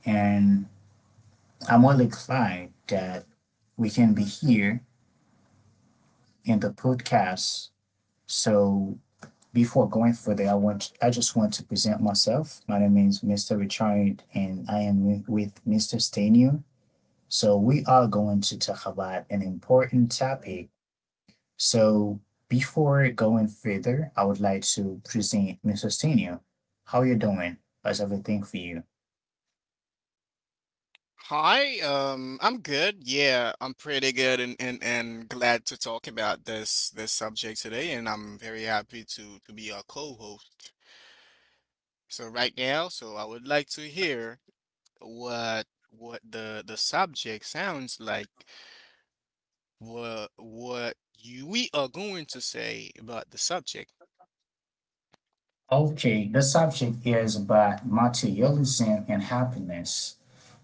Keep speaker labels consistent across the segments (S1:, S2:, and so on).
S1: And I'm really glad that we can be here in the podcast. So, before going further, I just want to present myself. My name is Mr. Richard, and I am with Mr. Stenio. So, we are going to talk about an important topic. So, before going further, I would like to present Mr. Stenio. How you doing? How's everything for you?
S2: Hi. I'm good. Yeah, I'm pretty good and glad to talk about this subject today, and I'm very happy to be your co-host. So right now, I would like to hear what the subject sounds like, we are going to say about the subject.
S1: Okay, the subject is about materialism and happiness.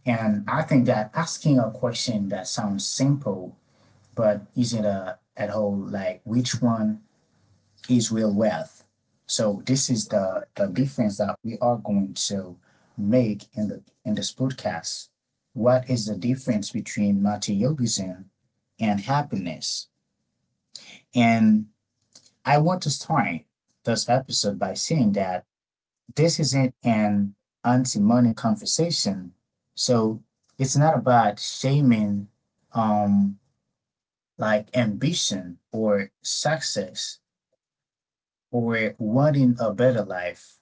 S1: And I think that asking a question that sounds simple but isn't at all, like which one is real wealth. So this is the difference that we are going to make in the in this podcast. What is the difference between materialism and happiness? And I want to start this episode by saying that this isn't an anti-money conversation. So it's not about shaming um like ambition or success or wanting a better life,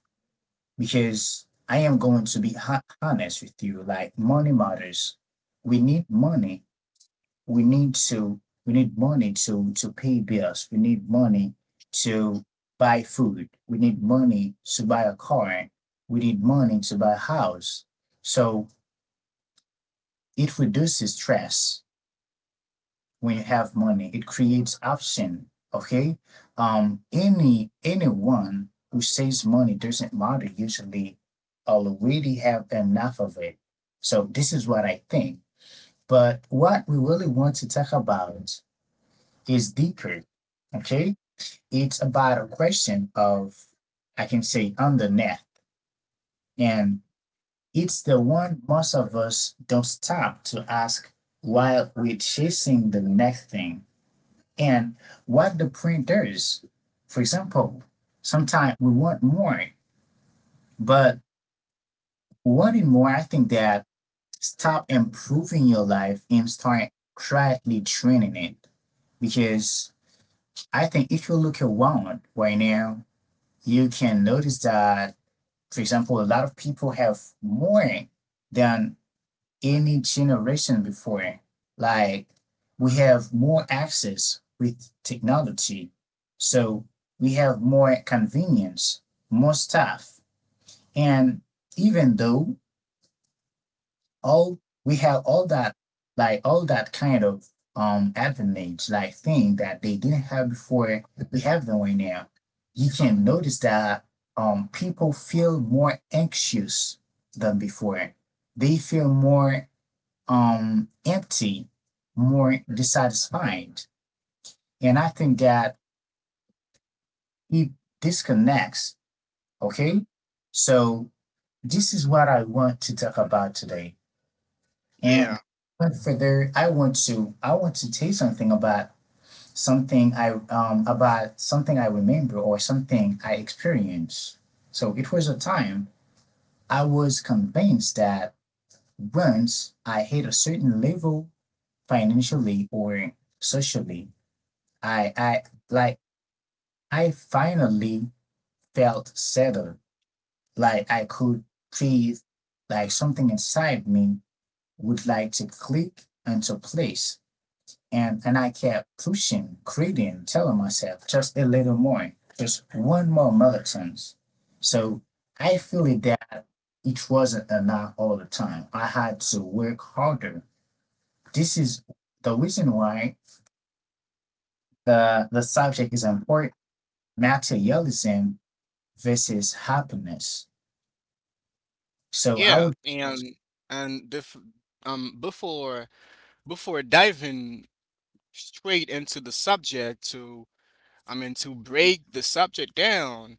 S1: because I am going to be honest with you, like money matters. We need money, we need to, we need money to pay bills, we need money to buy food, we need money to buy a car, we need money to buy a house. So it reduces stress. When you have money, it creates option. Okay. Any anyone who says money doesn't matter usually already have enough of it. So this is what I think. But what we really want to talk about is deeper. Okay. It's about a question of, I can say, underneath. And it's the one most of us don't stop to ask while we're chasing the next thing, and what the printer is. For example, sometimes we want more, but wanting more, I think that stop improving your life and start quietly training it. Because I think if you look around right now, you can notice that, for example, a lot of people have more than any generation before. Like we have more access with technology. So we have more convenience, more stuff. And even though all we have all that, like all that kind of advantage, like thing that they didn't have before, we have them right now. You can notice that people feel more anxious than before. They feel more empty, more dissatisfied. And I think that it disconnects. Okay. So this is what I want to talk about today. And
S2: Yeah,
S1: went further, I want to tell you something about something I remember or something I experienced. So it was a time I was convinced that once I hit a certain level financially or socially, I like I finally felt settled. Like I could breathe, like something inside me would like to click into place. And I kept pushing, creating, telling myself just a little more, just one more marathon. So I feel it that it wasn't enough all the time. I had to work harder. This is the reason why the subject is important: materialism versus happiness.
S2: yeah,
S1: So I would,
S2: and and um before before diving straight into the subject. To break the subject down,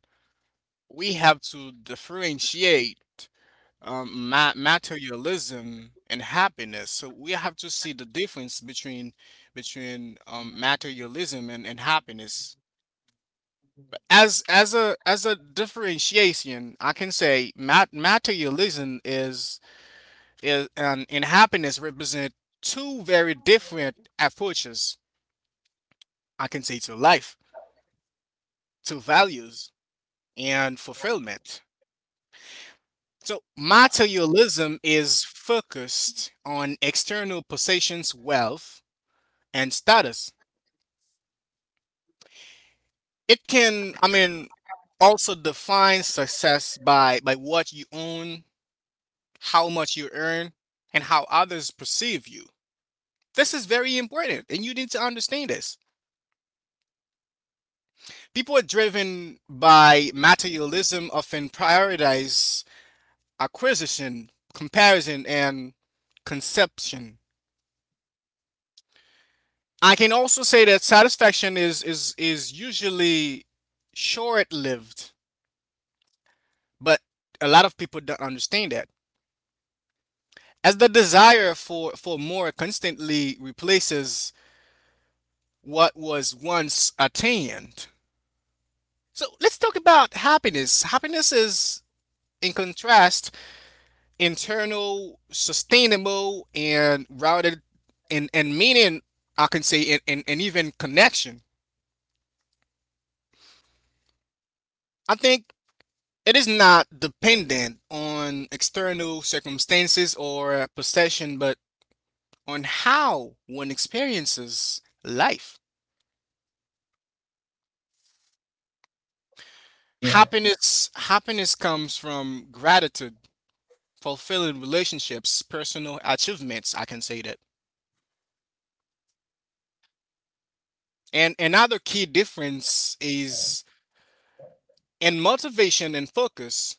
S2: we have to differentiate ma materialism and happiness. So we have to see the difference between materialism and happiness. As a differentiation, I can say materialism is and happiness represent two very different approaches. I can say to life, to values, and fulfillment. So materialism is focused on external possessions, wealth, and status. It can, I mean, also define success by what you own, how much you earn, and how others perceive you. This is very important, and you need to understand this. People are driven by materialism, often prioritize acquisition, comparison, and conception. I can also say that satisfaction is usually short-lived, but a lot of people don't understand that, as the desire for more constantly replaces what was once attained. So let's talk about happiness. Happiness is, in contrast, internal, sustainable and routed in and meaning, I can say, and even connection. I think It is not dependent on external circumstances or possession, but on how one experiences life.
S1: yeah,
S2: Happiness comes from gratitude, fulfilling relationships, personal achievements, I can say that. And another key difference is in motivation and focus.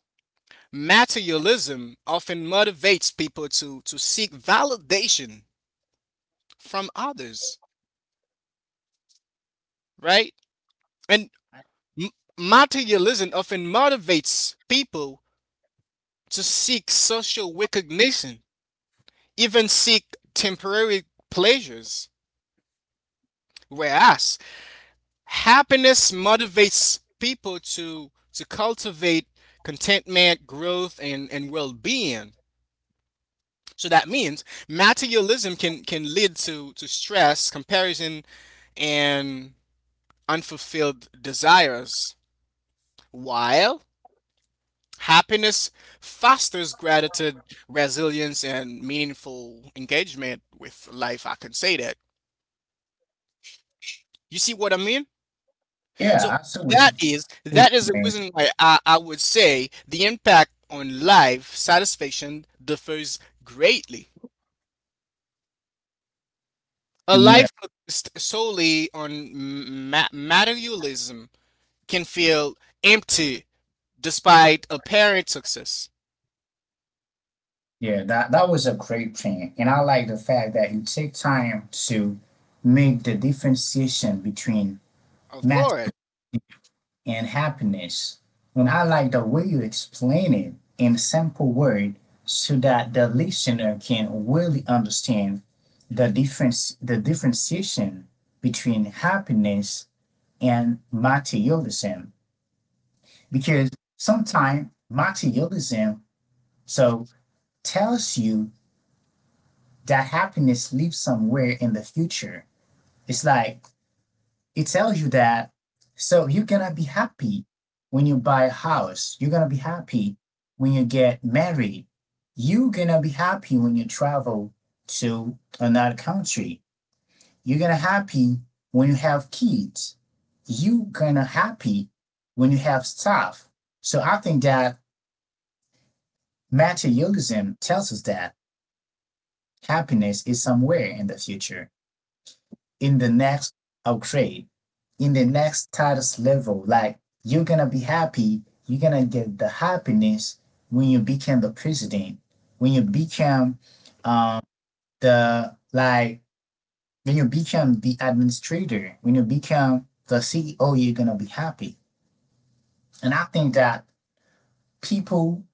S2: Materialism often motivates people to seek validation from others, right? And
S1: I-
S2: Materialism often motivates people to seek social recognition, even seek temporary pleasures, whereas happiness motivates people to cultivate contentment, growth, and well-being. So that means materialism can lead to stress, comparison, and unfulfilled desires, while happiness fosters gratitude, resilience, and meaningful engagement with life. I can say that. You see what I mean? So
S1: yeah, I saw what
S2: that
S1: you
S2: is
S1: put,
S2: that is the
S1: man.
S2: reason why I would say the impact on life satisfaction differs greatly. A
S1: Yeah.
S2: life focused solely on materialism can feel empty despite apparent success.
S1: Yeah, that that was a great plan, and I like the fact that you take time to make the differentiation between
S2: Of
S1: maturity
S2: course.
S1: and happiness. And I like the way you explain it in simple words so that the listener can really understand the differentiation between happiness and materialism. Because sometimes materialism so tells you that happiness lives somewhere in the future. It's like it tells you that so you're gonna be happy when you buy a house. You're gonna be happy when you get married. You're gonna be happy when you travel to another country. You're gonna happy when you have kids. You're gonna happy when you have stuff. So I think that materialism tells us that happiness is somewhere in the future, in the next upgrade, in the next status level. Like you're gonna be happy, you're gonna get the happiness when you become the president, when you become um, the like when you become the administrator, when you become the CEO, you're gonna be happy. And I think that people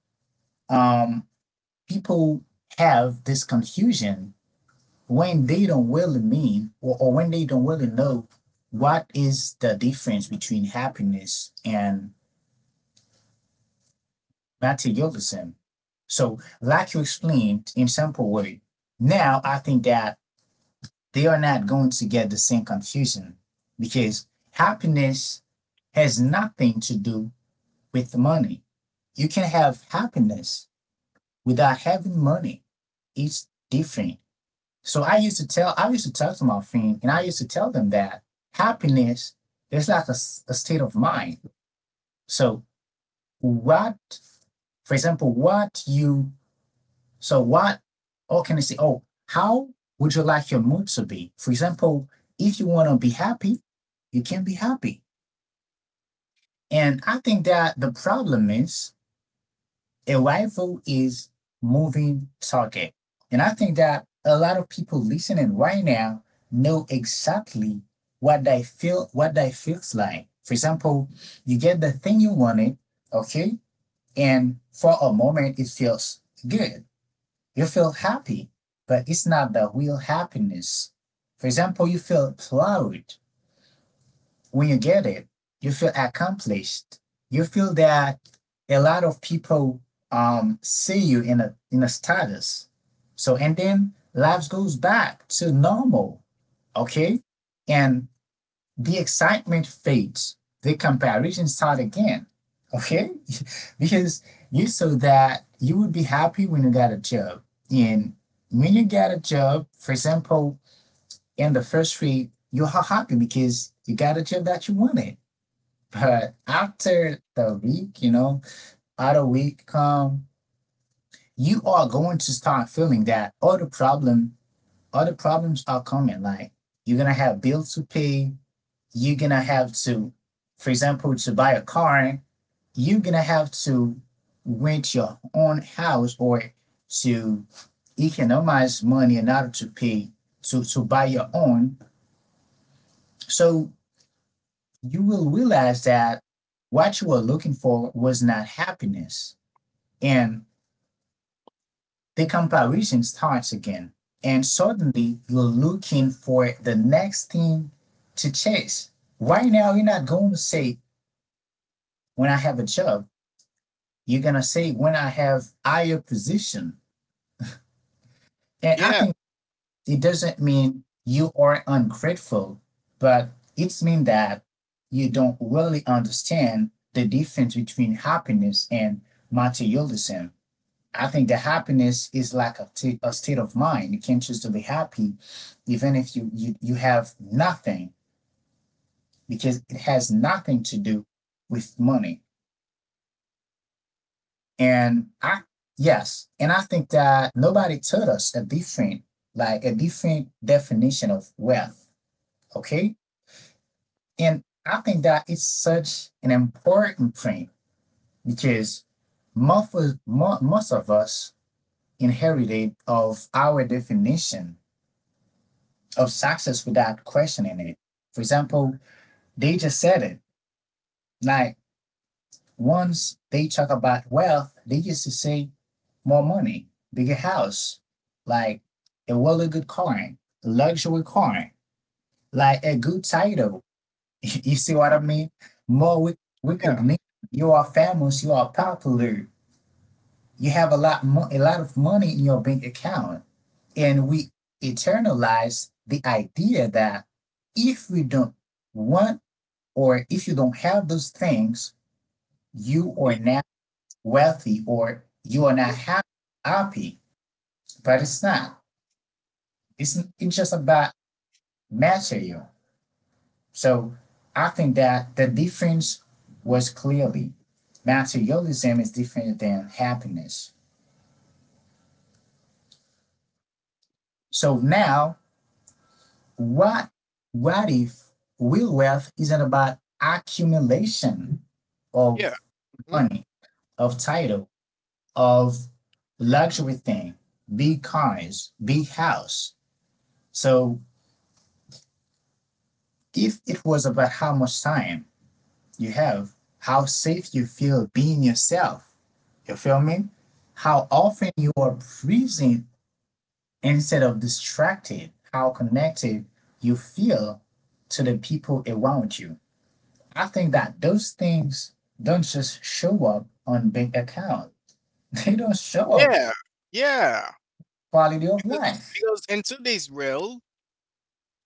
S1: um people have this confusion when they don't really mean, or when they don't really know what is the difference between happiness and materialism. So, like you explained in simple way, now I think that they are not going to get the same confusion, because happiness has nothing to do with money. You can have happiness without having money. It's different. So I used to talk to my friend, and I used to tell them that happiness is like a state of mind. So what, for example, what you, so what, or can I say, oh, how would you like your mood to be? For example, if you want to be happy, you can be happy. And I think that the problem is a rival is moving target. And I think that a lot of people listening right now know exactly what they feels like. For example, you get the thing you wanted, okay, and for a moment it feels good. You feel happy, but it's not the real happiness. For example, you feel proud, when you get it, you feel accomplished. You feel that a lot of people see you in a status. So and then life goes back to normal. Okay, and the excitement fades. The comparison start again. Okay. Because you saw that you would be happy when you got a job, and when you get a job, for example, in the first week, you are happy because you got a job that you wanted. But after the week, you know, out of week come, you are going to start feeling that other problems are coming. Like you're gonna have bills to pay. You're gonna have to, for example, to buy a car. You're gonna have to rent your own house or to economize money in order to pay to buy your own. So you will realize that what you were looking for was not happiness, and the comparison starts again. And suddenly you're looking for the next thing to chase. Right now, you're not going to say, when I have a job, you're going to say, when I have higher position. And I
S2: Yeah.
S1: think it doesn't mean you are ungrateful, but it's mean that you don't really understand the difference between happiness and materialism. I think the happiness is like a state of mind. You can choose to be happy, even if you, you have nothing, because it has nothing to do with money. And I yes, and I think that nobody taught us a different definition of wealth. Okay, and I think that it's such an important thing because most of us inherited of our definition of success without questioning it. For example, they just said it. Like once they talk about wealth, they used to say more money, bigger house, like a really good car, luxury car, like a good title. You see what I mean? More rec-
S2: Yeah.
S1: recognition. You are famous. You are popular. You have a lot of money in your bank account, and we internalize the idea that if we don't want, or if you don't have those things, you
S2: Mhm.
S1: are not wealthy or you are not happy. But it's not. It's just about material. So I think that the difference was clearly materialism is different than happiness. So now, what what if real wealth isn't about accumulation of
S2: Yeah. Mhm.
S1: money, of title, of luxury thing, big cars, big house. So if it was about how much time you have, how safe you feel being yourself, you feel me? How often you are present instead of distracted, how connected you feel to the people around you. I think that those things don't just show up on bank account. They don't show up
S2: Yeah. Yeah.
S1: quality of
S2: Because
S1: life.
S2: in today's world,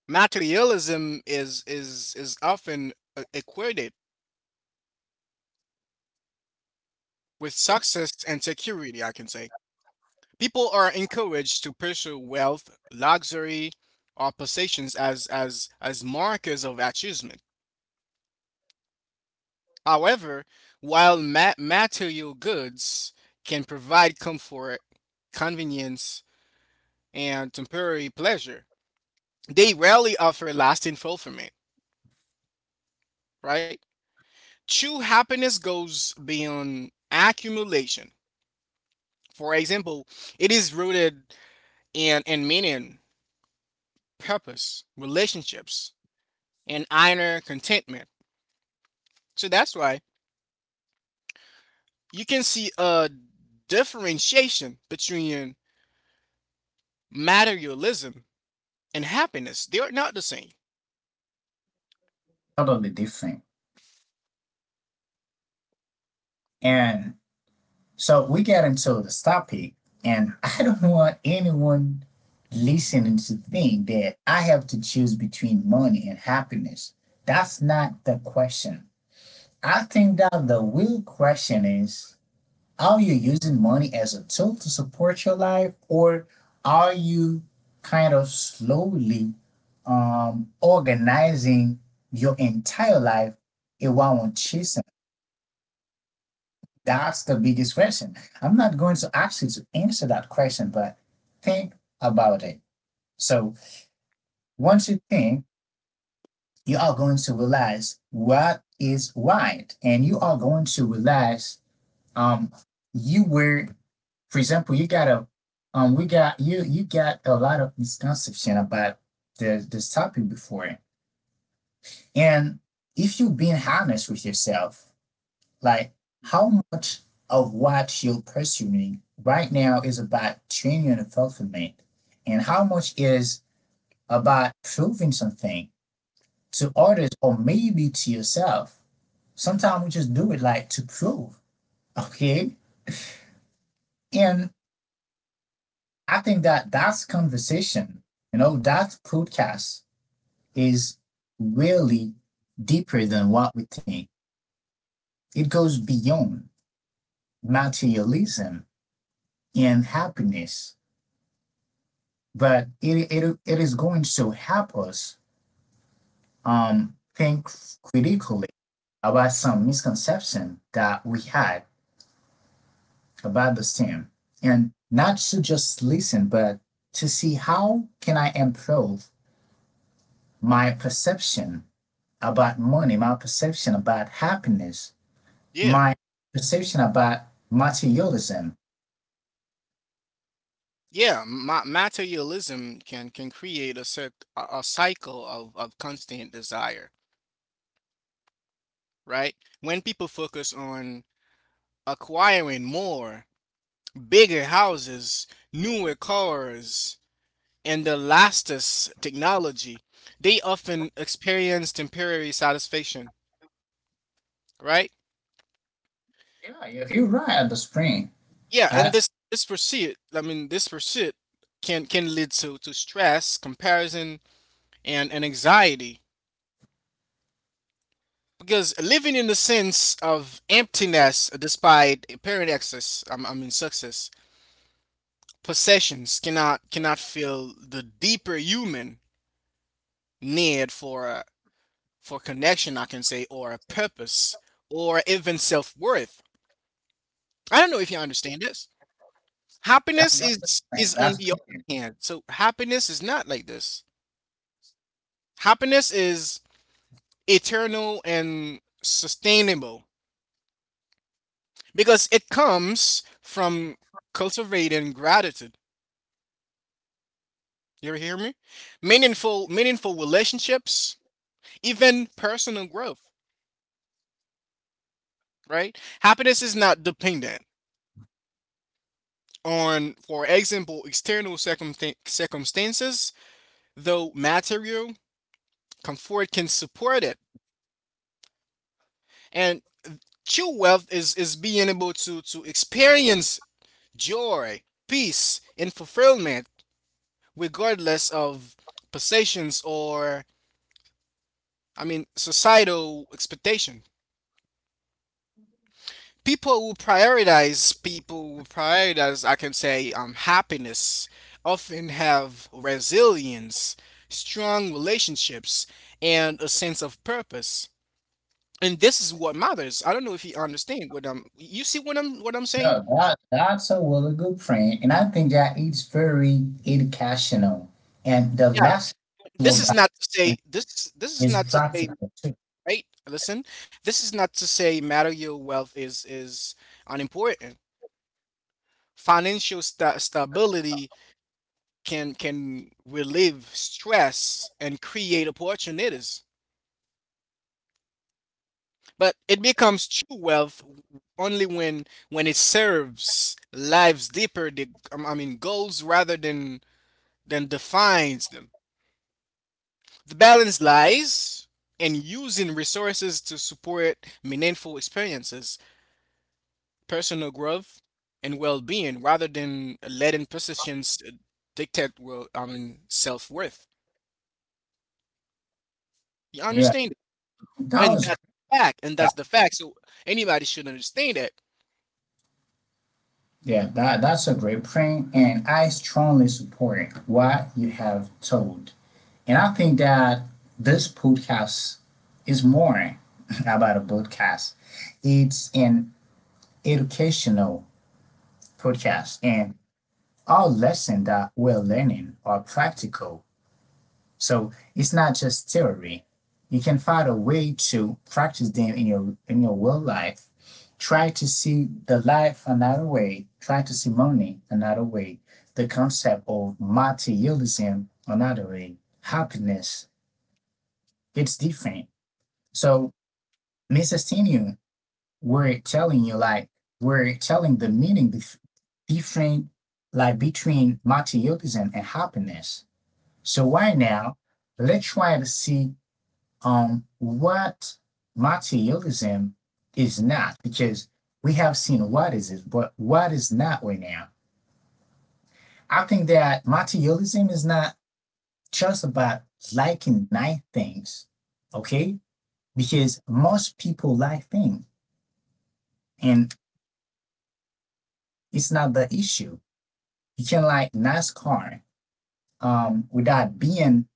S2: materialism is often equated with success and security, I can say. People are encouraged to pursue wealth, luxury, or possessions as as markers of achievement. However, while material goods can provide comfort, convenience, and temporary pleasure, they rarely offer lasting fulfillment, right? True happiness goes beyond accumulation. For example, it is rooted in meaning, purpose, relationships, and inner contentment. So that's why you can see a differentiation between materialism and happiness. They are not the same.
S1: Totally different. And so we got into the stop peak, and I don't want anyone listening to think that I have to choose between money and happiness. That's not the question. I think that the real question is, are you using money as a tool to support your life, or are you kind of slowly organizing your entire life around chasing? That's the biggest question. I'm not going to ask you to answer that question, but think about it. So once you think, you are going to realize what is right, and you are going to realize um you were, for example, you got a we got you you got a lot of misconception about the this topic before, and if you've been honest with yourself, like, how much of what you're pursuing right now is about genuine fulfillment, and how much is about proving something to others or maybe to yourself? Sometimes we just do it like to prove, okay? And I think that that's conversation, that podcast is really deeper than what we think. It goes beyond materialism and happiness. But it is going to help us think critically about some misconception that we had about the STEM, and not to just listen, but to see how can I improve my perception about money, my perception about happiness,
S2: Yeah.
S1: my perception about materialism.
S2: Yeah, ma materialism can create a a cycle of constant desire, right? When people focus on acquiring more, bigger houses, newer cars, and the latest technology, they often experience temporary satisfaction, right?
S1: Yeah, you're right at the spring.
S2: Yeah,
S1: I,
S2: and
S1: I
S2: this pursuit can lead to stress, comparison, and anxiety, because living in the sense of emptiness despite apparent excess, I mean success, possessions cannot fill the deeper human need for for connection, I can say, or a purpose, or even self-worth. I don't know if you understand this.
S1: I
S2: Happiness
S1: got the
S2: is
S1: spring.
S2: is on
S1: That's
S2: the
S1: clear.
S2: other hand. So happiness is not like this. Happiness is eternal and sustainable because it comes from cultivating gratitude. You hear me? Meaningful relationships, even personal growth, right? Happiness is not dependent on, for example, circumstances, though material comfort can support it. And true wealth is being able to experience joy, peace, and fulfillment regardless of possessions or, I mean, societal expectation. People who prioritize people who prioritize I can say happiness often have resilience, strong relationships, and a sense of purpose, and this is what matters. I don't know if you understand what I'm you see what I'm saying.
S1: No, that's a really good friend, and I think that it's very educational, and the
S2: Yeah.
S1: lesson about it
S2: This is
S1: is
S2: not to say,
S1: practical too.
S2: right? Listen, this is not to say material wealth is unimportant. Financial stability can relieve stress and create opportunities. But it becomes true wealth only when it serves lives deeper, the, I mean, goals rather than defines them. The balance lies in using resources to support meaningful experiences, personal growth, and well-being, rather than letting positions dictate well, I mean, self-worth. You
S1: Yeah,
S2: understand?
S1: that
S2: And
S1: was great.
S2: that's and that's
S1: That,
S2: the fact. So anybody should understand that.
S1: yeah, that's a great friend, and I strongly support what you have told, and I think that this podcast is more about a podcast. It's an educational podcast, and our lessons that we're learning are practical. So it's not just theory. You can find a way to practice them in your real life. Try to see the life another way. Try to see money another way. The concept of materialism another way. Happiness, it's different. So Mrs. Tinu, we're telling you like we're telling the meaning different, like between materialism and happiness. So right now, let's try to see what materialism is not, because we have seen what is it, but what is not right now. I think that materialism is not just about liking nice things, okay? Because most people like things, and it's not the issue. You can like nice car without being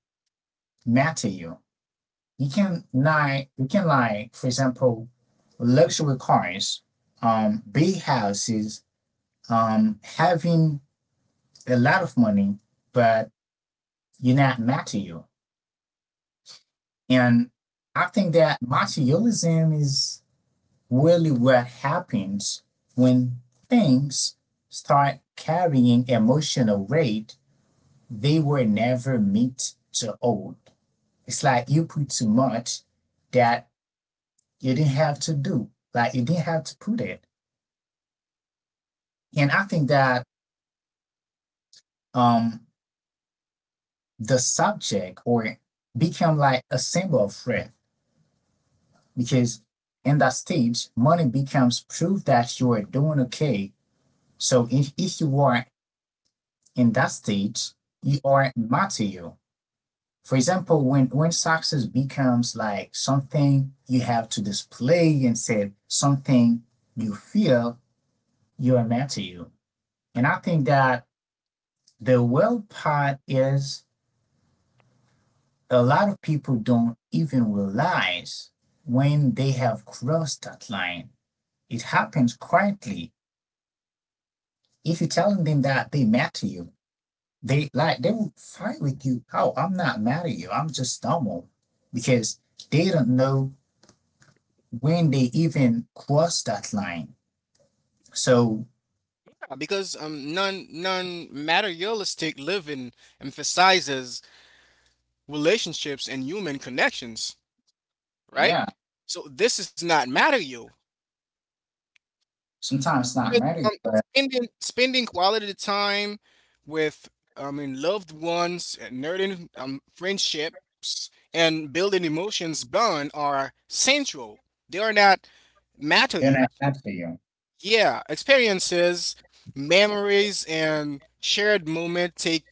S1: material. You can like for example, luxury cars, big houses, having a lot of money, but you're not material. And I think that materialism is really what happens when things start carrying emotional weight they were never meant to hold. It's like you put too much that you didn't have to do, like you didn't have to put it. And I think that um, the subject or become like a symbol of threat, because in that stage, money becomes proof that you are doing okay. So if you are in that stage, you are material. For example, when success becomes like something you have to display and say something you feel, you are material. And I think that the well part is a lot of people don't even realize when they have crossed that line. It happens quietly. If you're telling them that they mad to you, they like they will fight with you. Oh, I'm not mad at you. I'm just normal because they don't know when they even cross that line. So
S2: Because non-materialistic living emphasizes relationships and human connections, right?
S1: yeah,
S2: So this is not material.
S1: sometimes it's not
S2: Because,
S1: mad at you, but
S2: spending quality time with, I mean, loved ones, and nurturing friendships, and building emotions bond are central. They are not
S1: they're not
S2: material.
S1: mad to you.
S2: Yeah, experiences, memories, and shared moment take,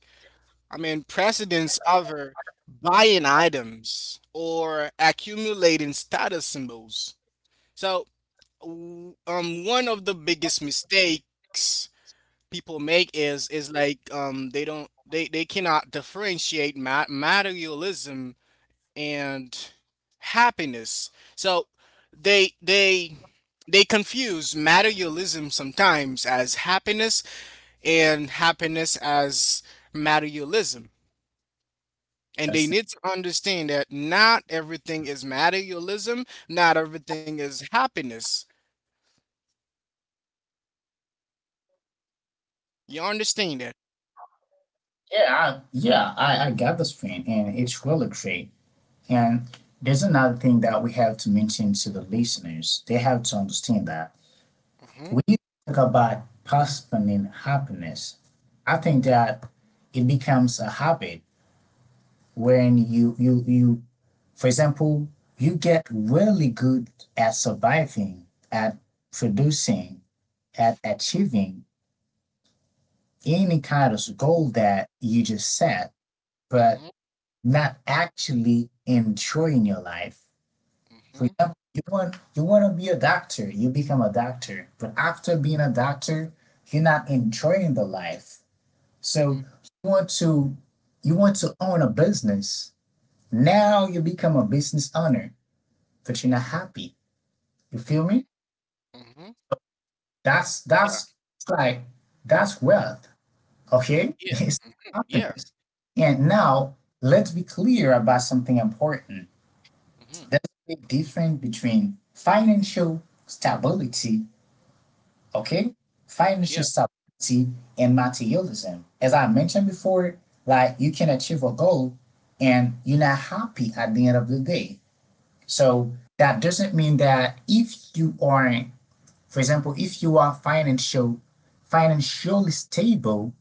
S2: I mean, precedence over buying items or accumulating status symbols. So, one of the biggest mistakes people make is like they don't they cannot differentiate ma materialism and happiness. So they they confuse materialism sometimes as happiness and happiness as materialism. And
S1: But
S2: they
S1: it's-
S2: need to understand that not everything is materialism, not everything is happiness. You understand that?
S1: yeah, yeah, I got this point, and it's really great. And there's another thing that we have to mention to the listeners. They have to understand that
S2: Mm-hmm.
S1: when you talk about postponing happiness, I think that it becomes a habit when you, for example, you get really good at surviving, at producing, at achieving any kind of goal that you just set, but
S2: Mm-hmm.
S1: not actually enjoying your life. For
S2: Mm-hmm.
S1: example, you want to be a doctor, you become a doctor, but after being a doctor, you're not enjoying the life. So you want to you want to own a business. Now you become a business owner, but you're not happy. You feel
S2: Mm-hmm.
S1: me?
S2: Mm-hmm. Yeah.
S1: That's like that's wealth. Okay?
S2: Yeah.
S1: It's
S2: Mhm. Yeah.
S1: happiness. And now let's be clear about something important.
S2: Mm-hmm.
S1: There's a big difference between financial stability. Okay?
S2: Yeah.
S1: Financial stability and materialism. As I mentioned before, like you can achieve a goal and you're not happy at the end of the day.
S2: Mm.
S1: So that doesn't mean that if you aren't, for example, if you are financially stable,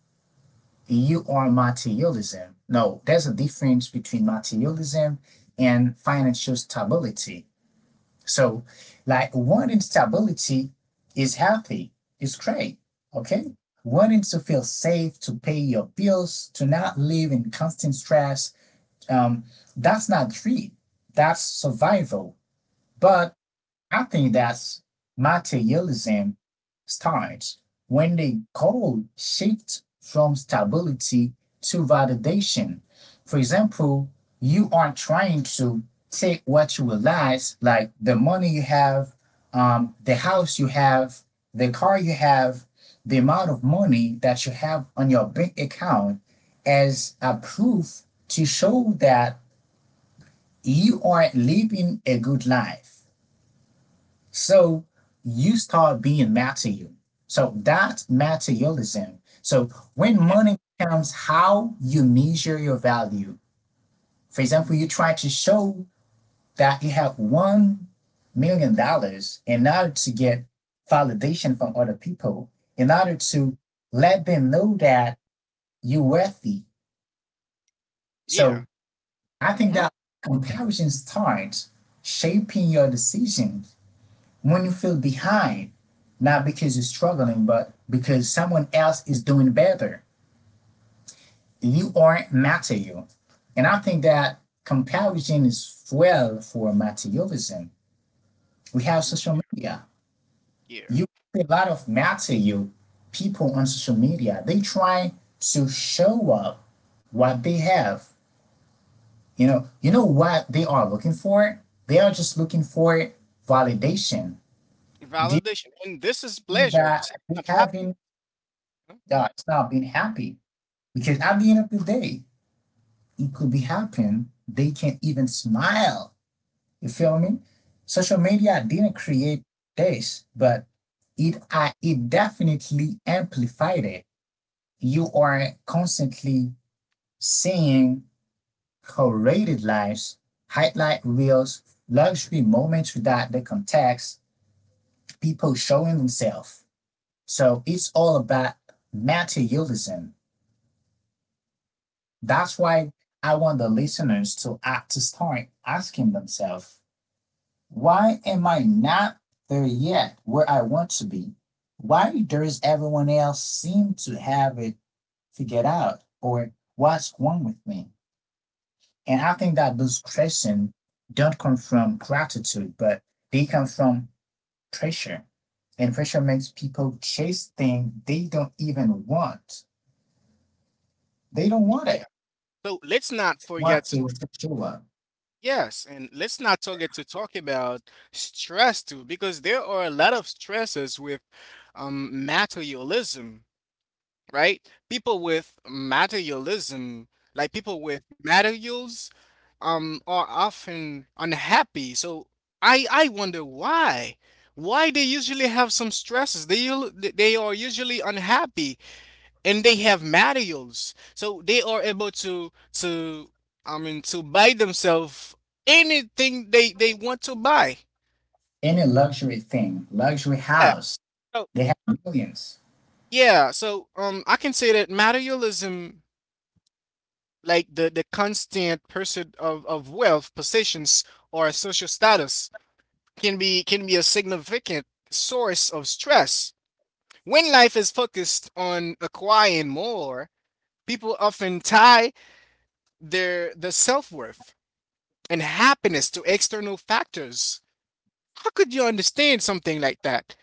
S1: you are materialism. No, there's a difference between materialism and financial stability. So, like one instability is healthy, it's great, okay? Wanting to feel safe, to pay your bills, to not live in constant stress, um, that's not greed, that's survival. But I think that's materialism starts when the goal shifts from stability to validation. For example, you are trying to take what you realize, like the money you have, the house you have, the car you have, the amount of money that you have on your bank account, as a proof to show that you are living a good life. So you start being material. So that's materialism. So when
S2: Yeah.
S1: money becomes how you measure your value, for example, you try to show that you have $1 million in order to get validation from other people, in order to let them know that you're worthy.
S2: Yeah.
S1: So I think
S2: Mm-hmm.
S1: that comparison starts shaping your decision when you feel behind, not because you're struggling, but because someone else is doing better. You aren't material. And I think that comparison is fuel for materialism. We have social media.
S2: Yeah.
S1: You see a lot of material people on social media. They try to show up what they have. You know what they are looking for? They are just looking for validation. Giving
S2: Validation. And this is
S1: you
S2: pleasure. This
S1: that
S2: is
S1: they
S2: not happening.
S1: haven't
S2: Huh?
S1: it's not being happy. Because at the end of the day, it could be happen. They can't even smile. You feel me? Social media didn't create this, but it definitely amplified it. You are constantly seeing curated lives, highlight reels, luxury moments without the context, people showing themselves. So it's all about materialism. That's why I want the listeners to act to start asking themselves, why am I not there yet where I want to be? Why does everyone else seem to have it figured out? Or what's wrong with me? And I think that those questions don't come from gratitude, but they come from pressure. And pressure makes people chase things they don't even want. They don't want it.
S2: Yeah. So let's not
S1: Want
S2: forget to,
S1: to show up.
S2: let's not forget to talk about stress too, because there are a lot of stresses with, materialism, right? People with materialism, like people with materials, are often unhappy. So I wonder why. Why they usually have some stresses? They are usually unhappy and they have materials so they are able to I mean to buy themselves anything they want to buy.
S1: Any luxury thing, luxury
S2: Yeah.
S1: house.
S2: so,
S1: They have millions.
S2: yeah so um I can say that materialism, like the constant pursuit of wealth possessions, or social status can be a significant source of stress. When life is focused on acquiring more, people often tie their the self-worth and happiness to external factors. How could you understand something like that?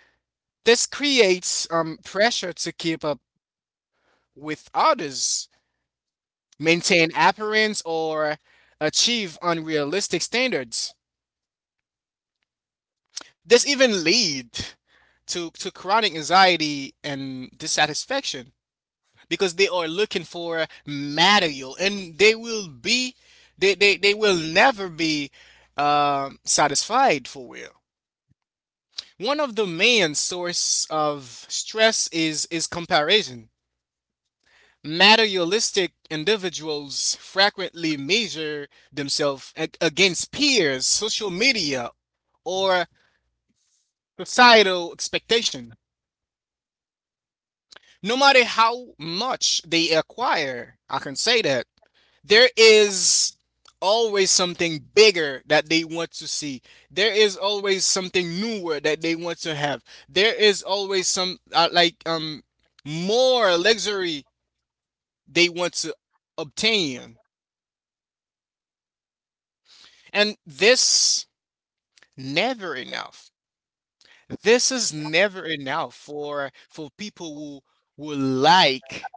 S2: This creates, pressure to keep up with others, maintain appearance, or achieve unrealistic standards. This even lead to chronic anxiety and dissatisfaction because they are looking for material and they will never be, satisfied for real. One of the main source of stress is comparison. Materialistic individuals frequently measure themselves against peers, social media, or societal expectation. No matter how much they acquire, I can say that there is always something bigger that they want to see. There is always something newer that they want to have. There is always some like more luxury they want to obtain. And this never enough. This is never enough for people who like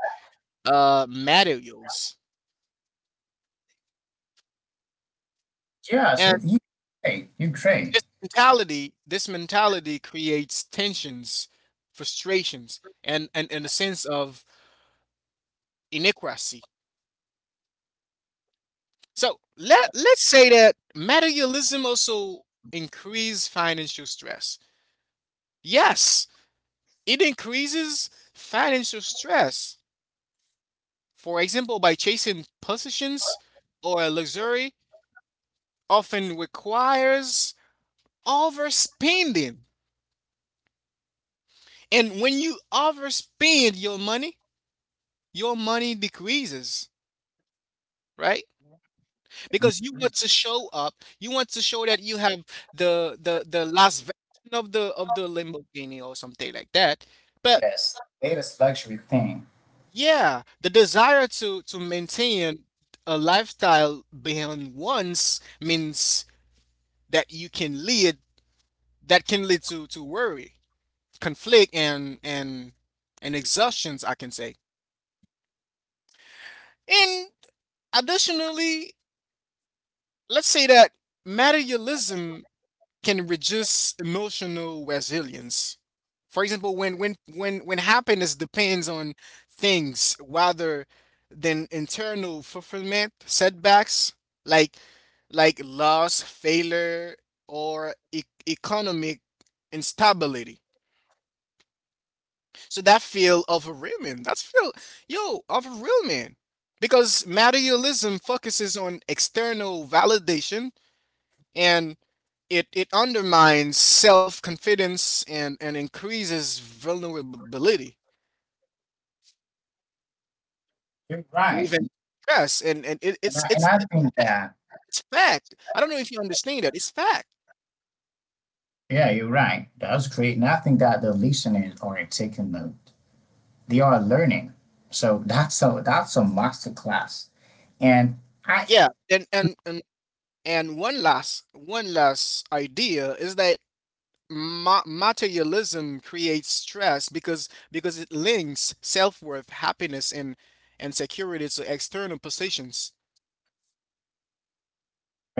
S2: materials.
S1: Yes, it- you Ukraine,
S2: This mentality creates tensions, frustrations, and and a sense of inequity. So let's say that materialism also increases financial stress. Yes, it increases financial stress. For example, by chasing possessions or luxury, often requires overspending. And when you overspend your money, your money decreases, right? Because you
S1: Ukraine.
S2: want to show up. You want to show that you have the the last version of the Lamborghini or something like that. But
S1: Yes, latest luxury thing.
S2: yeah, the desire to maintain a lifestyle beyond once means that you can lead that can lead to worry, conflict, and and exhaustions. I can say. And additionally, let's say that materialism can reduce emotional resilience. For example, when happiness depends on things rather than internal fulfillment, setbacks like like loss, failure, or economic instability. So that feel of a real man. That's feel yo of a real man. Because materialism focuses on external validation and it undermines self confidence and increases vulnerability
S1: You're
S2: and
S1: right.
S2: even stress. And,
S1: And I, and I
S2: it's
S1: think
S2: fact.
S1: that,
S2: It's fact. I don't know if you understand that. It's fact.
S1: yeah, you're right. That's great. And I think that the listeners are taking note. They are learning. So that's a master class. And I
S2: Yeah. And one one last idea is that materialism creates stress because it links self worth, happiness, and security to external positions.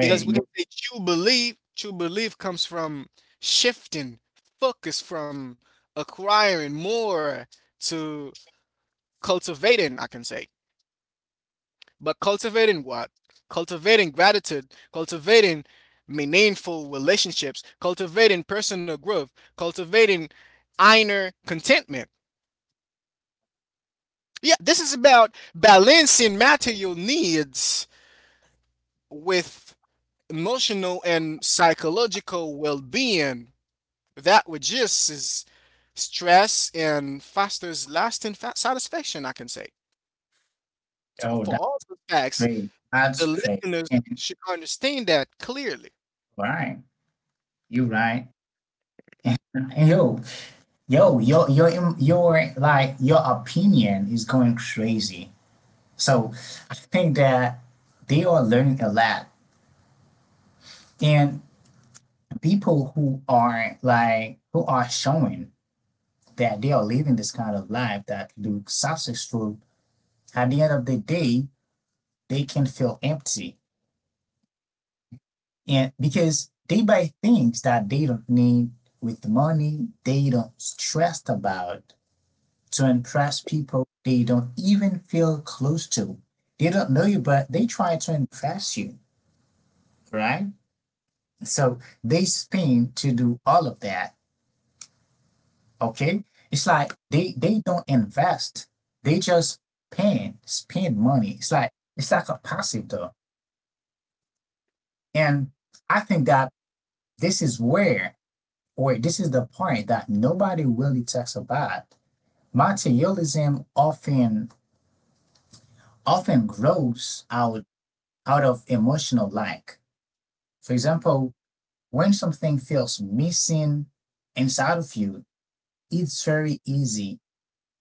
S2: Because we
S1: you
S2: can say true belief comes from shifting focus from acquiring more to cultivating, I can say. But cultivating what? Cultivating gratitude, cultivating meaningful relationships, cultivating personal growth, cultivating inner contentment. Yeah, this is about balancing material needs with emotional and psychological well being. That reduces stress and fosters lasting satisfaction, I can say. So,
S1: know,
S2: for
S1: that's
S2: all the facts,
S1: great.
S2: the
S1: That's great.
S2: listeners
S1: And
S2: should understand that clearly.
S1: right. You're right. And yo, yo, your im- your like your opinion is going crazy. So I think that they are learning a lot, and people who are like who are showing that they are living this kind of life that looks successful at the end of the day they can feel empty, and because they buy things that they don't need with money they don't stressed about to impress people they don't even feel close to. They don't know you, but they try to impress you, right? So they spend to do all of that. Okay. It's like they don't invest. They just spend money. It's like a passive though. And I think that this is where or this is the point that nobody really talks about. Materialism often grows out of emotional lack. For example, when something feels missing inside of you, it's very easy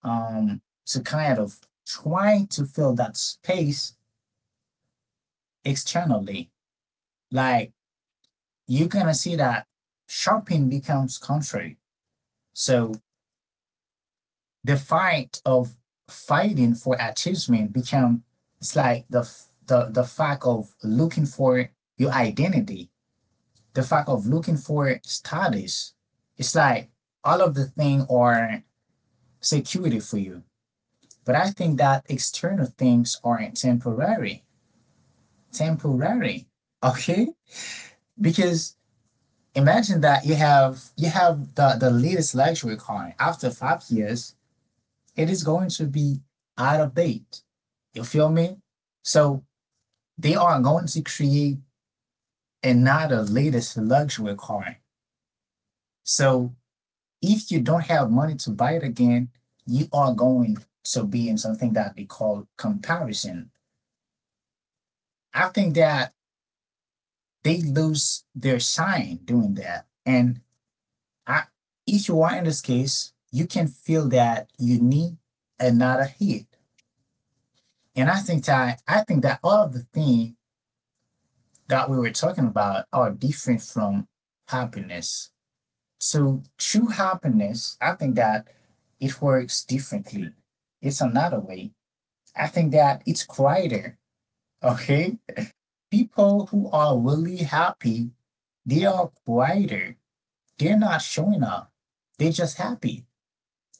S1: um, to kind of try to fill that space externally. Like you're gonna see that shopping becomes contrary. So the fight of fighting for achievement becomes it's like the fact of looking for your identity, the fact of looking for status. It's like all of the thing are security for you. But I think that external things are temporary. Temporary. Okay? Because imagine that you have the latest luxury car. After 5 years, it is going to be out of date. You feel me? So they are going to create another latest luxury car. So if you don't have money to buy it again, you are going to be in something that they call comparison. I think that they lose their shine doing that. And I, if you are in this case, you can feel that you need another hit. And I think that all of the things that we were talking about are different from happiness. So true happiness, I think that it works differently. It's another way. I think that it's quieter. Okay. People who are really happy, they are quieter, they're not showing up. They're just happy.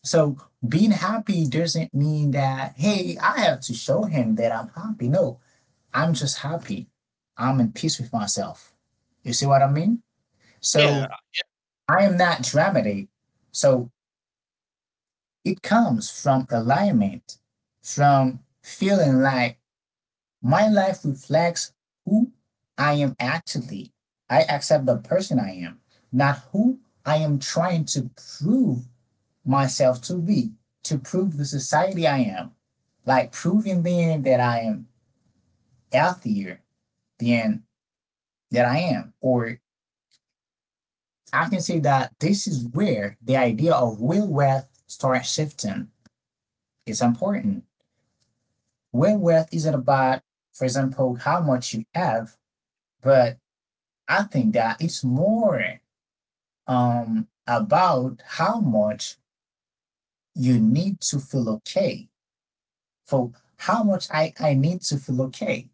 S1: So being happy doesn't mean that, hey, I have to show him that I'm happy. No, I'm just happy. I'm in peace with myself. You see what I mean?
S2: Yeah.
S1: So I am not dramatic. So it comes from alignment, from feeling like my life reflects who I am actually. I accept the person I am, not who I am trying to prove myself to be to prove the society I am. Like proving then that I am healthier than that I am. Or I can say that this is where the idea of will wealth starts shifting. It's important. Will wealth isn't about, for example, how much you have, but I think that it's more about how much you need to feel okay. For how much I need to feel okay,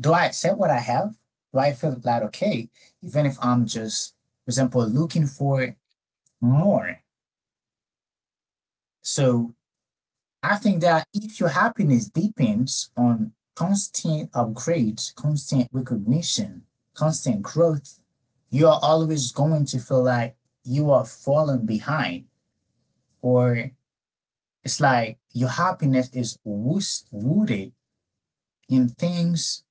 S1: do I accept what I have? Do I feel that okay? Even if I'm just, for example, looking for more. So I think that if your happiness depends on constant upgrades, constant recognition, constant growth, you are always going to feel like you are falling behind, or it's like your happiness is rooted in things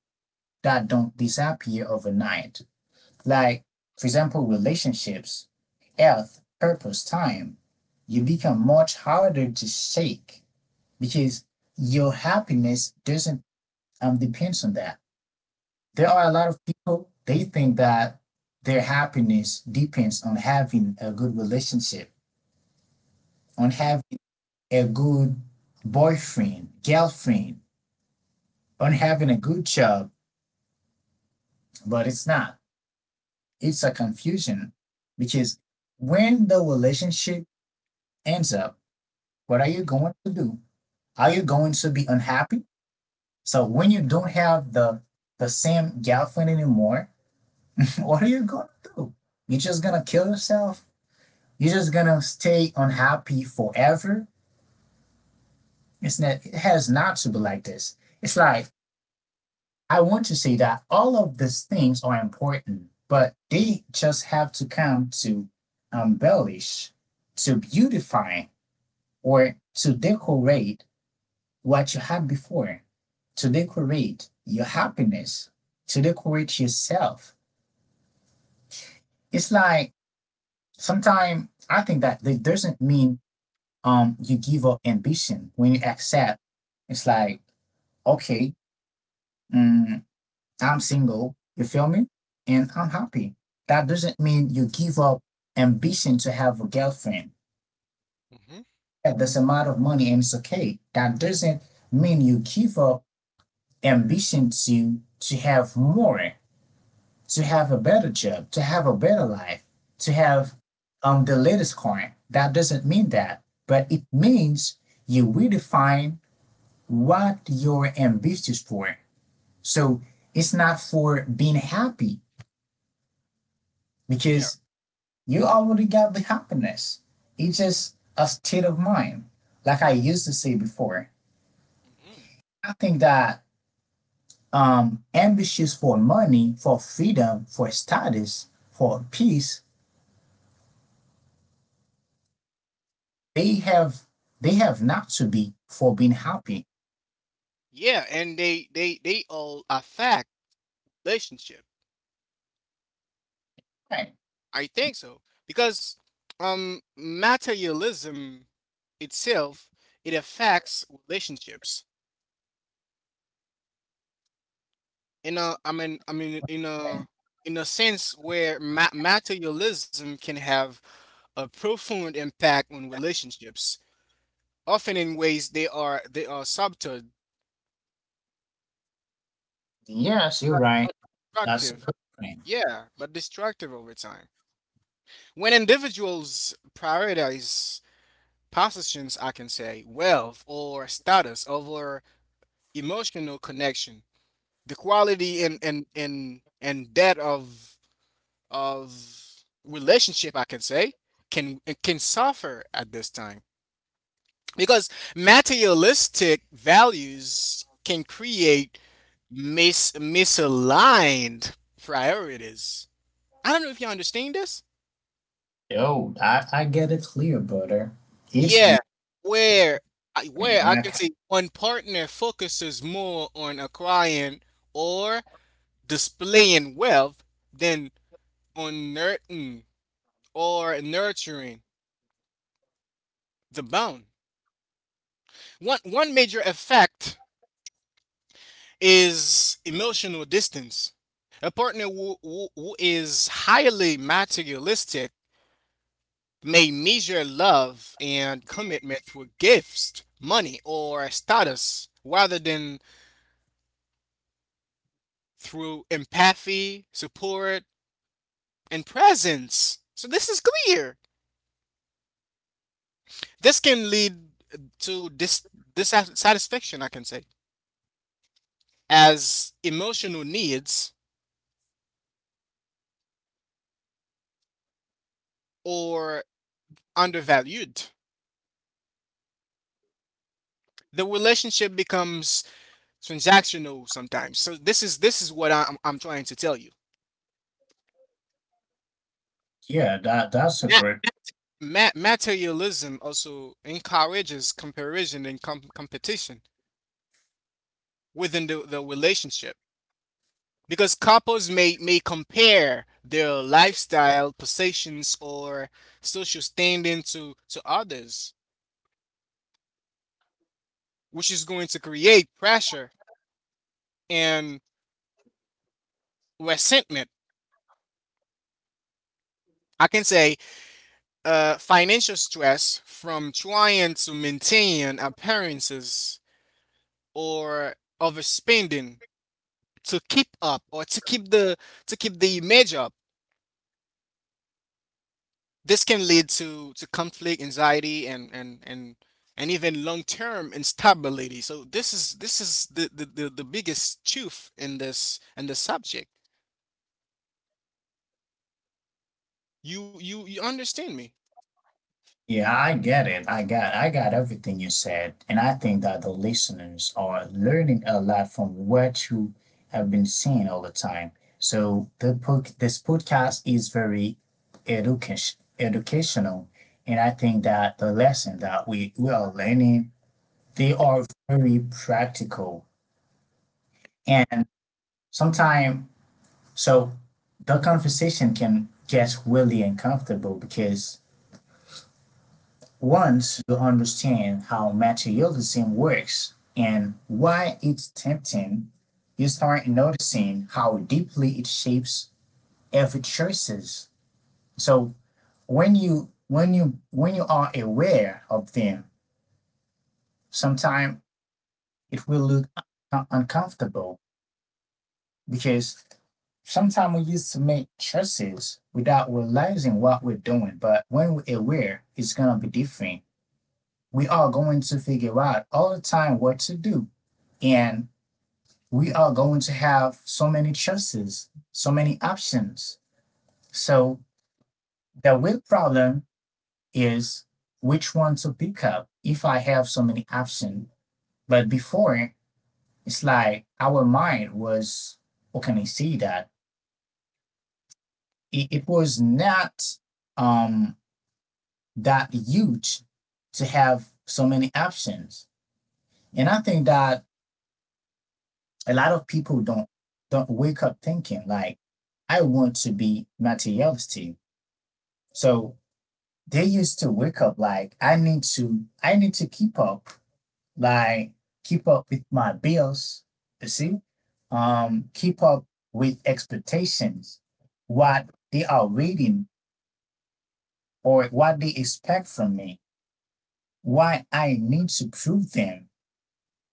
S1: that don't disappear overnight. Like, for example, relationships, health, purpose, time. You become much harder to shake because your happiness doesn't depends on that. There are a lot of people, they think that their happiness depends on having a good relationship, on
S2: Mm-hmm.
S1: having a good boyfriend, girlfriend, on having a good job, but it's not. It's a confusion because when the relationship ends up, what are you going to do? Are you going to be unhappy? So when you don't have the same girlfriend anymore, what are you gonna do? You're just gonna kill yourself? You're just gonna stay unhappy forever? It's not, it has not to be like this. It's like, I want to say that all of these things are important, but they just have to come to embellish, to beautify, or to decorate what you had before, to decorate your happiness, to decorate yourself. It's like, sometimes I think that it doesn't mean you give up ambition when you accept. It's like, okay, mm, I'm single. You feel me? And I'm happy. That doesn't mean you give up ambition to have a girlfriend.
S2: Mm-hmm.
S1: Yeah. There's a amount of money and it's okay. That doesn't mean you give up ambition to have more, to have a better job, to have a better life, to
S2: Hmm.
S1: have the latest coin. That doesn't mean that, but it means you redefine what you're ambitious for. So it's not for being happy
S2: Yeah.
S1: because you already got the happiness. It's just a state of mind. Like I used to say before,
S2: Hmm.
S1: I think that ambitious for money, for freedom, for status, for peace, they have, they have not to be for being happy.
S2: Yeah. And they all affect relationship.
S1: Right.
S2: I think so because materialism itself, it affects relationships in a I mean
S1: Right.
S2: in a sense where materialism can have a profound impact on relationships, often in ways they are subtle
S1: Yes, you're
S2: but
S1: right.
S2: but
S1: That's a
S2: destructive.
S1: good point.
S2: Yeah, but destructive over time. When individuals prioritize possessions, I can say wealth or status, over emotional connection, the quality and that of relationship, I can say, can suffer at this time, because materialistic values can create misaligned priorities. I don't know if you understand this.
S1: Yo, I get it clear, brother. It's
S2: Yeah,
S1: weird.
S2: where I-
S1: And
S2: where I
S1: I
S2: can
S1: ca-
S2: say one partner focuses more on acquiring or displaying wealth than on nurturing or nurturing the bond. One major effect is emotional distance. A partner who is highly materialistic may measure love and commitment through gifts, money, or status rather than through empathy, support, and presence. So this is clear. This can lead to dissatisfaction, I can say, as emotional needs or undervalued. The relationship becomes transactional sometimes. So this is what I'm trying to tell you.
S1: yeah, that that's
S2: Ma-
S1: a great.
S2: Materialism also encourages comparison and competition within the relationship, because couples may compare their lifestyle, possessions, or social standing to others, which is going to create pressure and resentment. I can say, financial stress from trying to maintain appearances or overspending to keep up, or to keep the image up. This can lead to conflict, anxiety, and even long-term instability. So this is the the biggest truth in this in the subject. You you understand me?
S1: Yeah, I get it. I got everything you said, and I think that the listeners are learning a lot from what you have been seeing all the time. So this podcast is very educational, and I think that the lesson that we are learning, they are very practical, and sometimes, so the conversation can get really uncomfortable because once you understand how materialism works and why it's tempting, you start noticing how deeply it shapes every choices. So when you are aware of them, sometimes it will look uncomfortable because sometimes we used to make choices without realizing what we're doing. But when we're aware, it's gonna be different. We are going to figure out all the time what to do. And we are going to have so many choices, so many options. So the real problem is, which one to pick up if I have so many options. But before, it's like our mind was, how can I say that? It was not um, that huge to have so many options. And I think that a lot of people don't wake up thinking like, I want to be materialistic. So they used to wake up like, I need to keep up, like keep up with my bills, you see? Um, keep up with expectations, what they are reading or what they expect from me, what I need to prove them,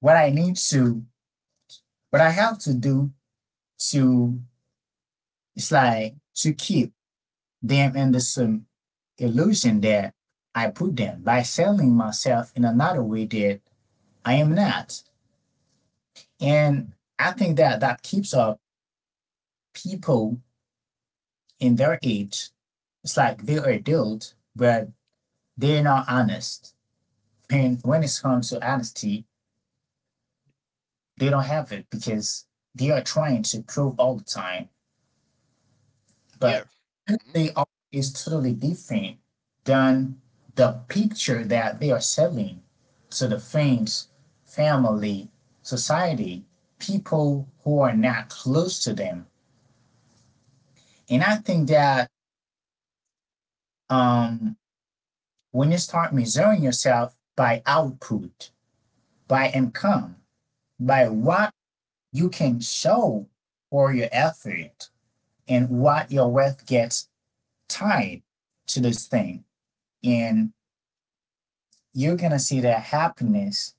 S1: what I need to, what I have to do to, it's like to keep them in the illusion that I put them by selling myself in another way that I am not. And I think that that keeps up people in their age. It's like they are adults, but they're not honest. And when it comes to honesty, they don't have it because they are trying to prove all the time,
S2: Yeah.
S1: but who
S2: Hmm.
S1: they are is totally different than the picture that they are selling to the friends, family, society, people who are not close to them. And I think that, um, when you start measuring yourself by output, by income, by what you can show for your effort, and what your worth gets tied to this thing. And you're gonna see that happiness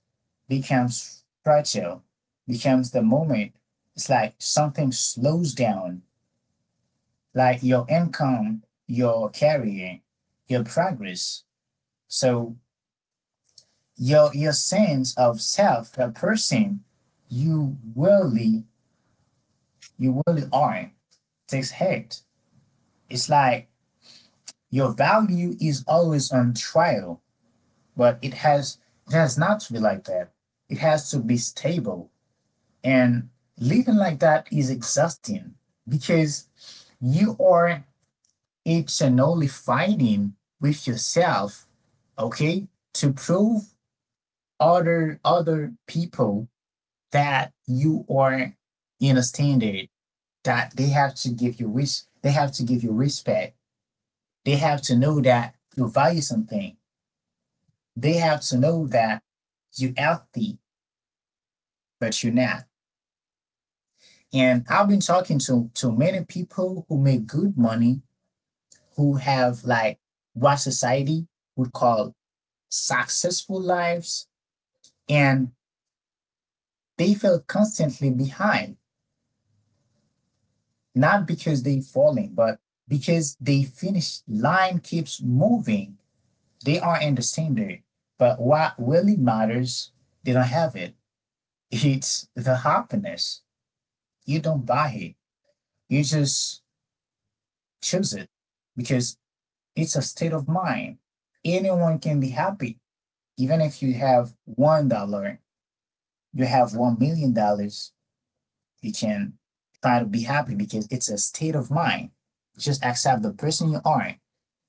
S1: becomes fragile, becomes the moment. It's like something slows down, like your income, your career, your progress. So your sense of self, the person you really you really are, takes hit. It's like your value is always on trial, but it has not to be like that. It has to be stable. And living like that is exhausting because you are eternally fighting with yourself, okay, to prove other people that you are in a standard that they have to give you respect. They have to know that you value something. They have to know that you're healthy, but you're not. And I've been talking to many people who make good money, who have like what society would call successful lives, and they feel constantly behind, not because they falling, but because the finish line keeps moving. They are in the standard, but what really matters, they don't have it. It's the happiness. You don't buy it, you just choose it because it's a state of mind. Anyone can be happy. Even if you have $1, you have $1 million, you can try to be happy because it's a state of mind. Just accept the person you are,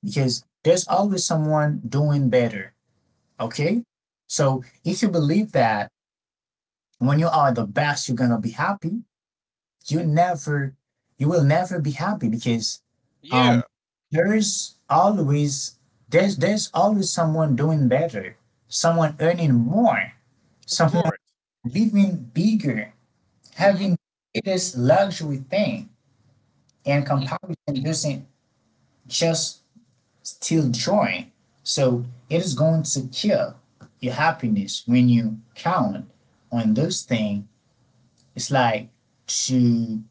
S1: because there's always someone doing better. Okay, so if you believe that when you are the best, you're gonna be happy. You never, you will never be happy because, um,
S2: Yeah,
S1: there's always, there's always someone doing better, someone earning more,
S2: of
S1: someone
S2: course.
S1: living bigger,
S2: Hmm.
S1: having this luxury thing, and
S2: Hmm.
S1: comparison doesn't just steal joy. So it is going to kill your happiness when you count on those things. It's like to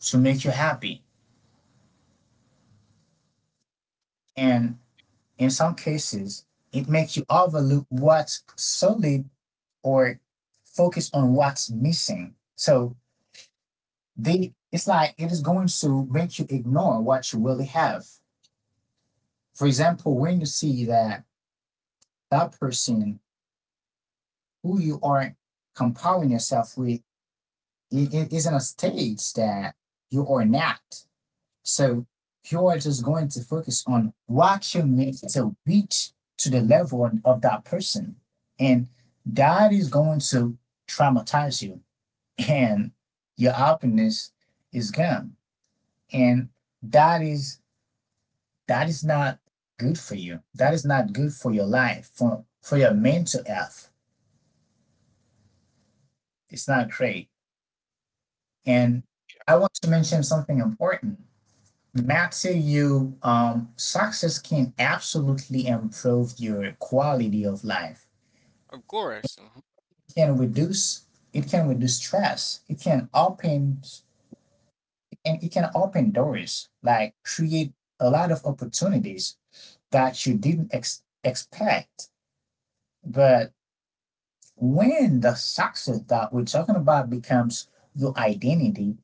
S1: to make you happy. And in some cases, it makes you overlook what's solid or focus on what's missing. So they it's like it is going to make you ignore what you really have. For example, when you see that that person who you are comparing yourself with is in a stage that you are not. So you are just going to focus on what you need to reach to the level of that person. And that is going to traumatize you, and your happiness is gone. And that is that is not good for you. That is not good for your life, for your mental health. It's not great. And I want to mention something important. Matter you success can absolutely improve your quality of life.
S2: Of course. Hmm.
S1: It can reduce it can reduce stress. It can open And it can open doors, like create a lot of opportunities that you didn't expect. But when the success that we're talking about becomes your identity,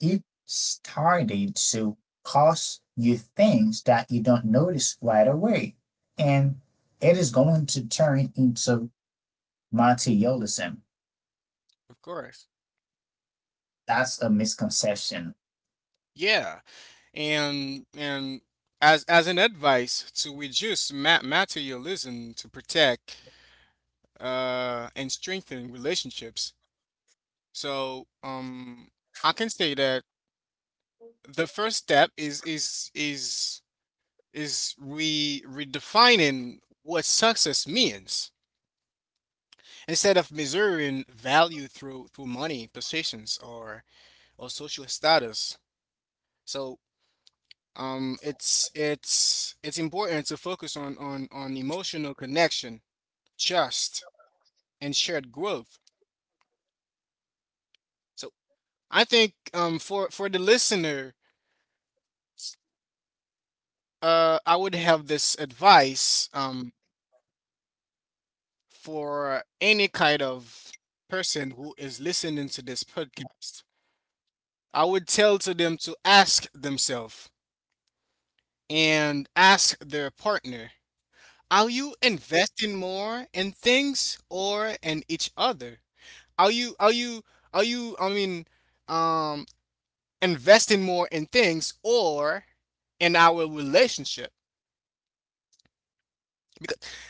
S1: it started to cost you things that you don't notice right away. And it is going to turn into materialism.
S2: Of course.
S1: That's a misconception.
S2: Yeah. And as an advice to reduce materialism, to protect and strengthen relationships. So, I can say that the first step is re redefining what success means, instead of measuring value through through money, positions, or social status. So it's it's important to focus on emotional connection, trust, and shared growth. So I think, for the listener, I would have this advice, for any kind of person who is listening to this podcast. I would tell to them to ask themselves and ask their partner, are you investing more in things or in each other? Are you I mean um investing more in things or in our relationship?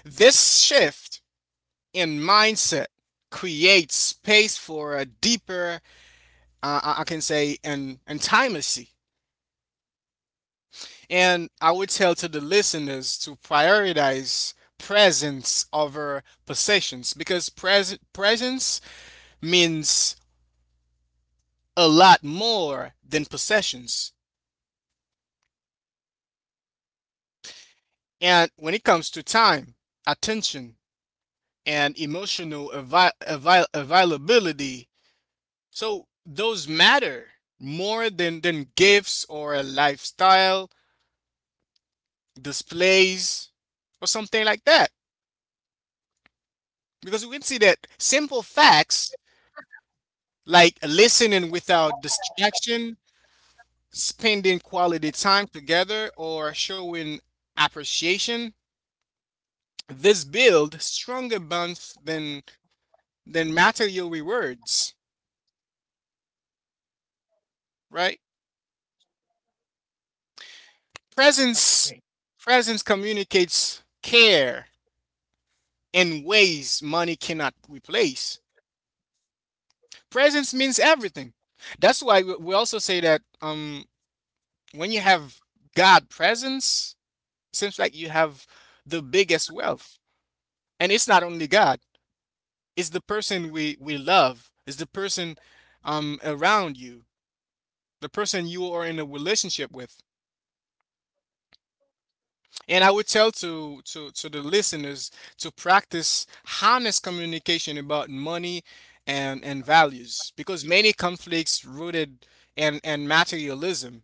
S2: This shift in mindset creates space for a deeper I can say an intimacy. And I would tell to the listeners to prioritize presence over possessions, because presence means a lot more than possessions. And when it comes to time, attention, and emotional availability, so those matter more than gifts or a lifestyle, displays, or something like that. Because we can see that simple facts like listening without distraction, spending quality time together, or showing appreciation, this build stronger bonds than material rewards, right?
S1: That's
S2: Presence
S1: great.
S2: Presence communicates care in ways money cannot replace. Presence means everything. That's why we also say that when you have God presence, it seems like you have the biggest wealth. And it's not only God, it's the person we love, it's the person around you, the person you are in a relationship with. And I would tell to the listeners to practice honest communication about money and values, because many conflicts rooted in and materialism.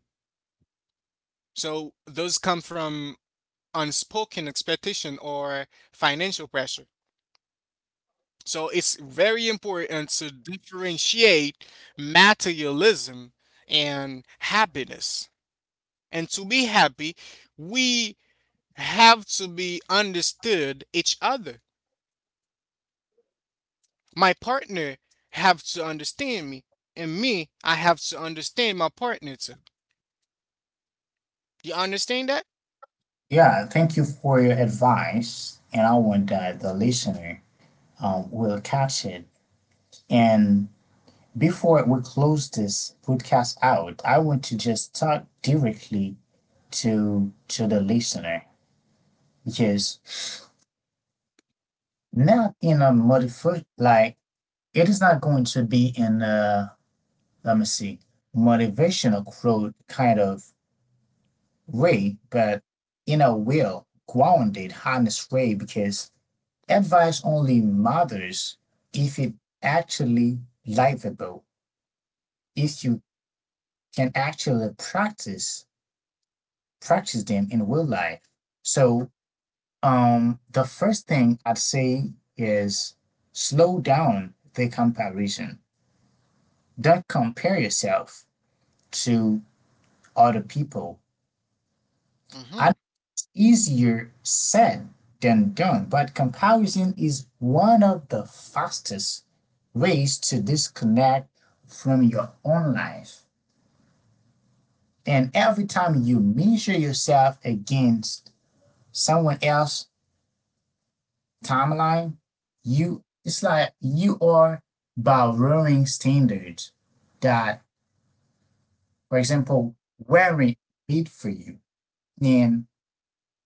S2: So those come from unspoken expectation or financial pressure. So it's very important to differentiate materialism and happiness. And to be happy, we have to be understood each other. My partner have to understand me, and me, I have to understand my partner too. You understand that?
S1: Yeah, thank you for your advice. And I want that the listener, will catch it. And before we close this podcast out, I want to just talk directly to the listener, because not in a motivation like, it is not going to be in a, let me see, motivational quote kind of way, but in a well grounded, honest way, because advice only matters if it actually livable, if you can actually practice them in real life. So the first thing I'd say is slow down the comparison. Don't compare yourself to other people.
S2: Mm-hmm.
S1: It's easier said than done, but comparison is one of the fastest ways to disconnect from your own life. And every time you measure yourself against someone else, timeline, you, it's like you are borrowing standards that, for example, weren't made for you, and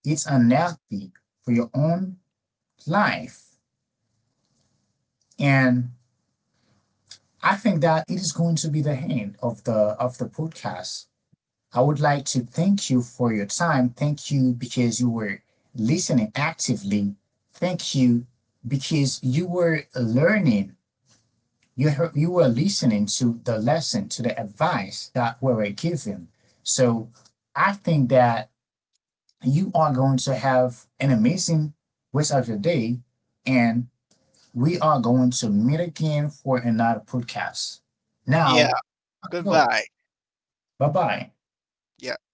S1: it's unhealthy for your own life. And I think that it is going to be the end of the podcast. I would like to thank you for your time. Thank you because you were listening actively. Thank you because you were learning. You heard, you were listening to the lesson, to the advice that we were given. So I think that you are going to have an amazing rest of your day, and we are going to meet again for another podcast. Now,
S2: Yeah,
S1: go.
S2: goodbye.
S1: Bye bye.
S2: Yeah.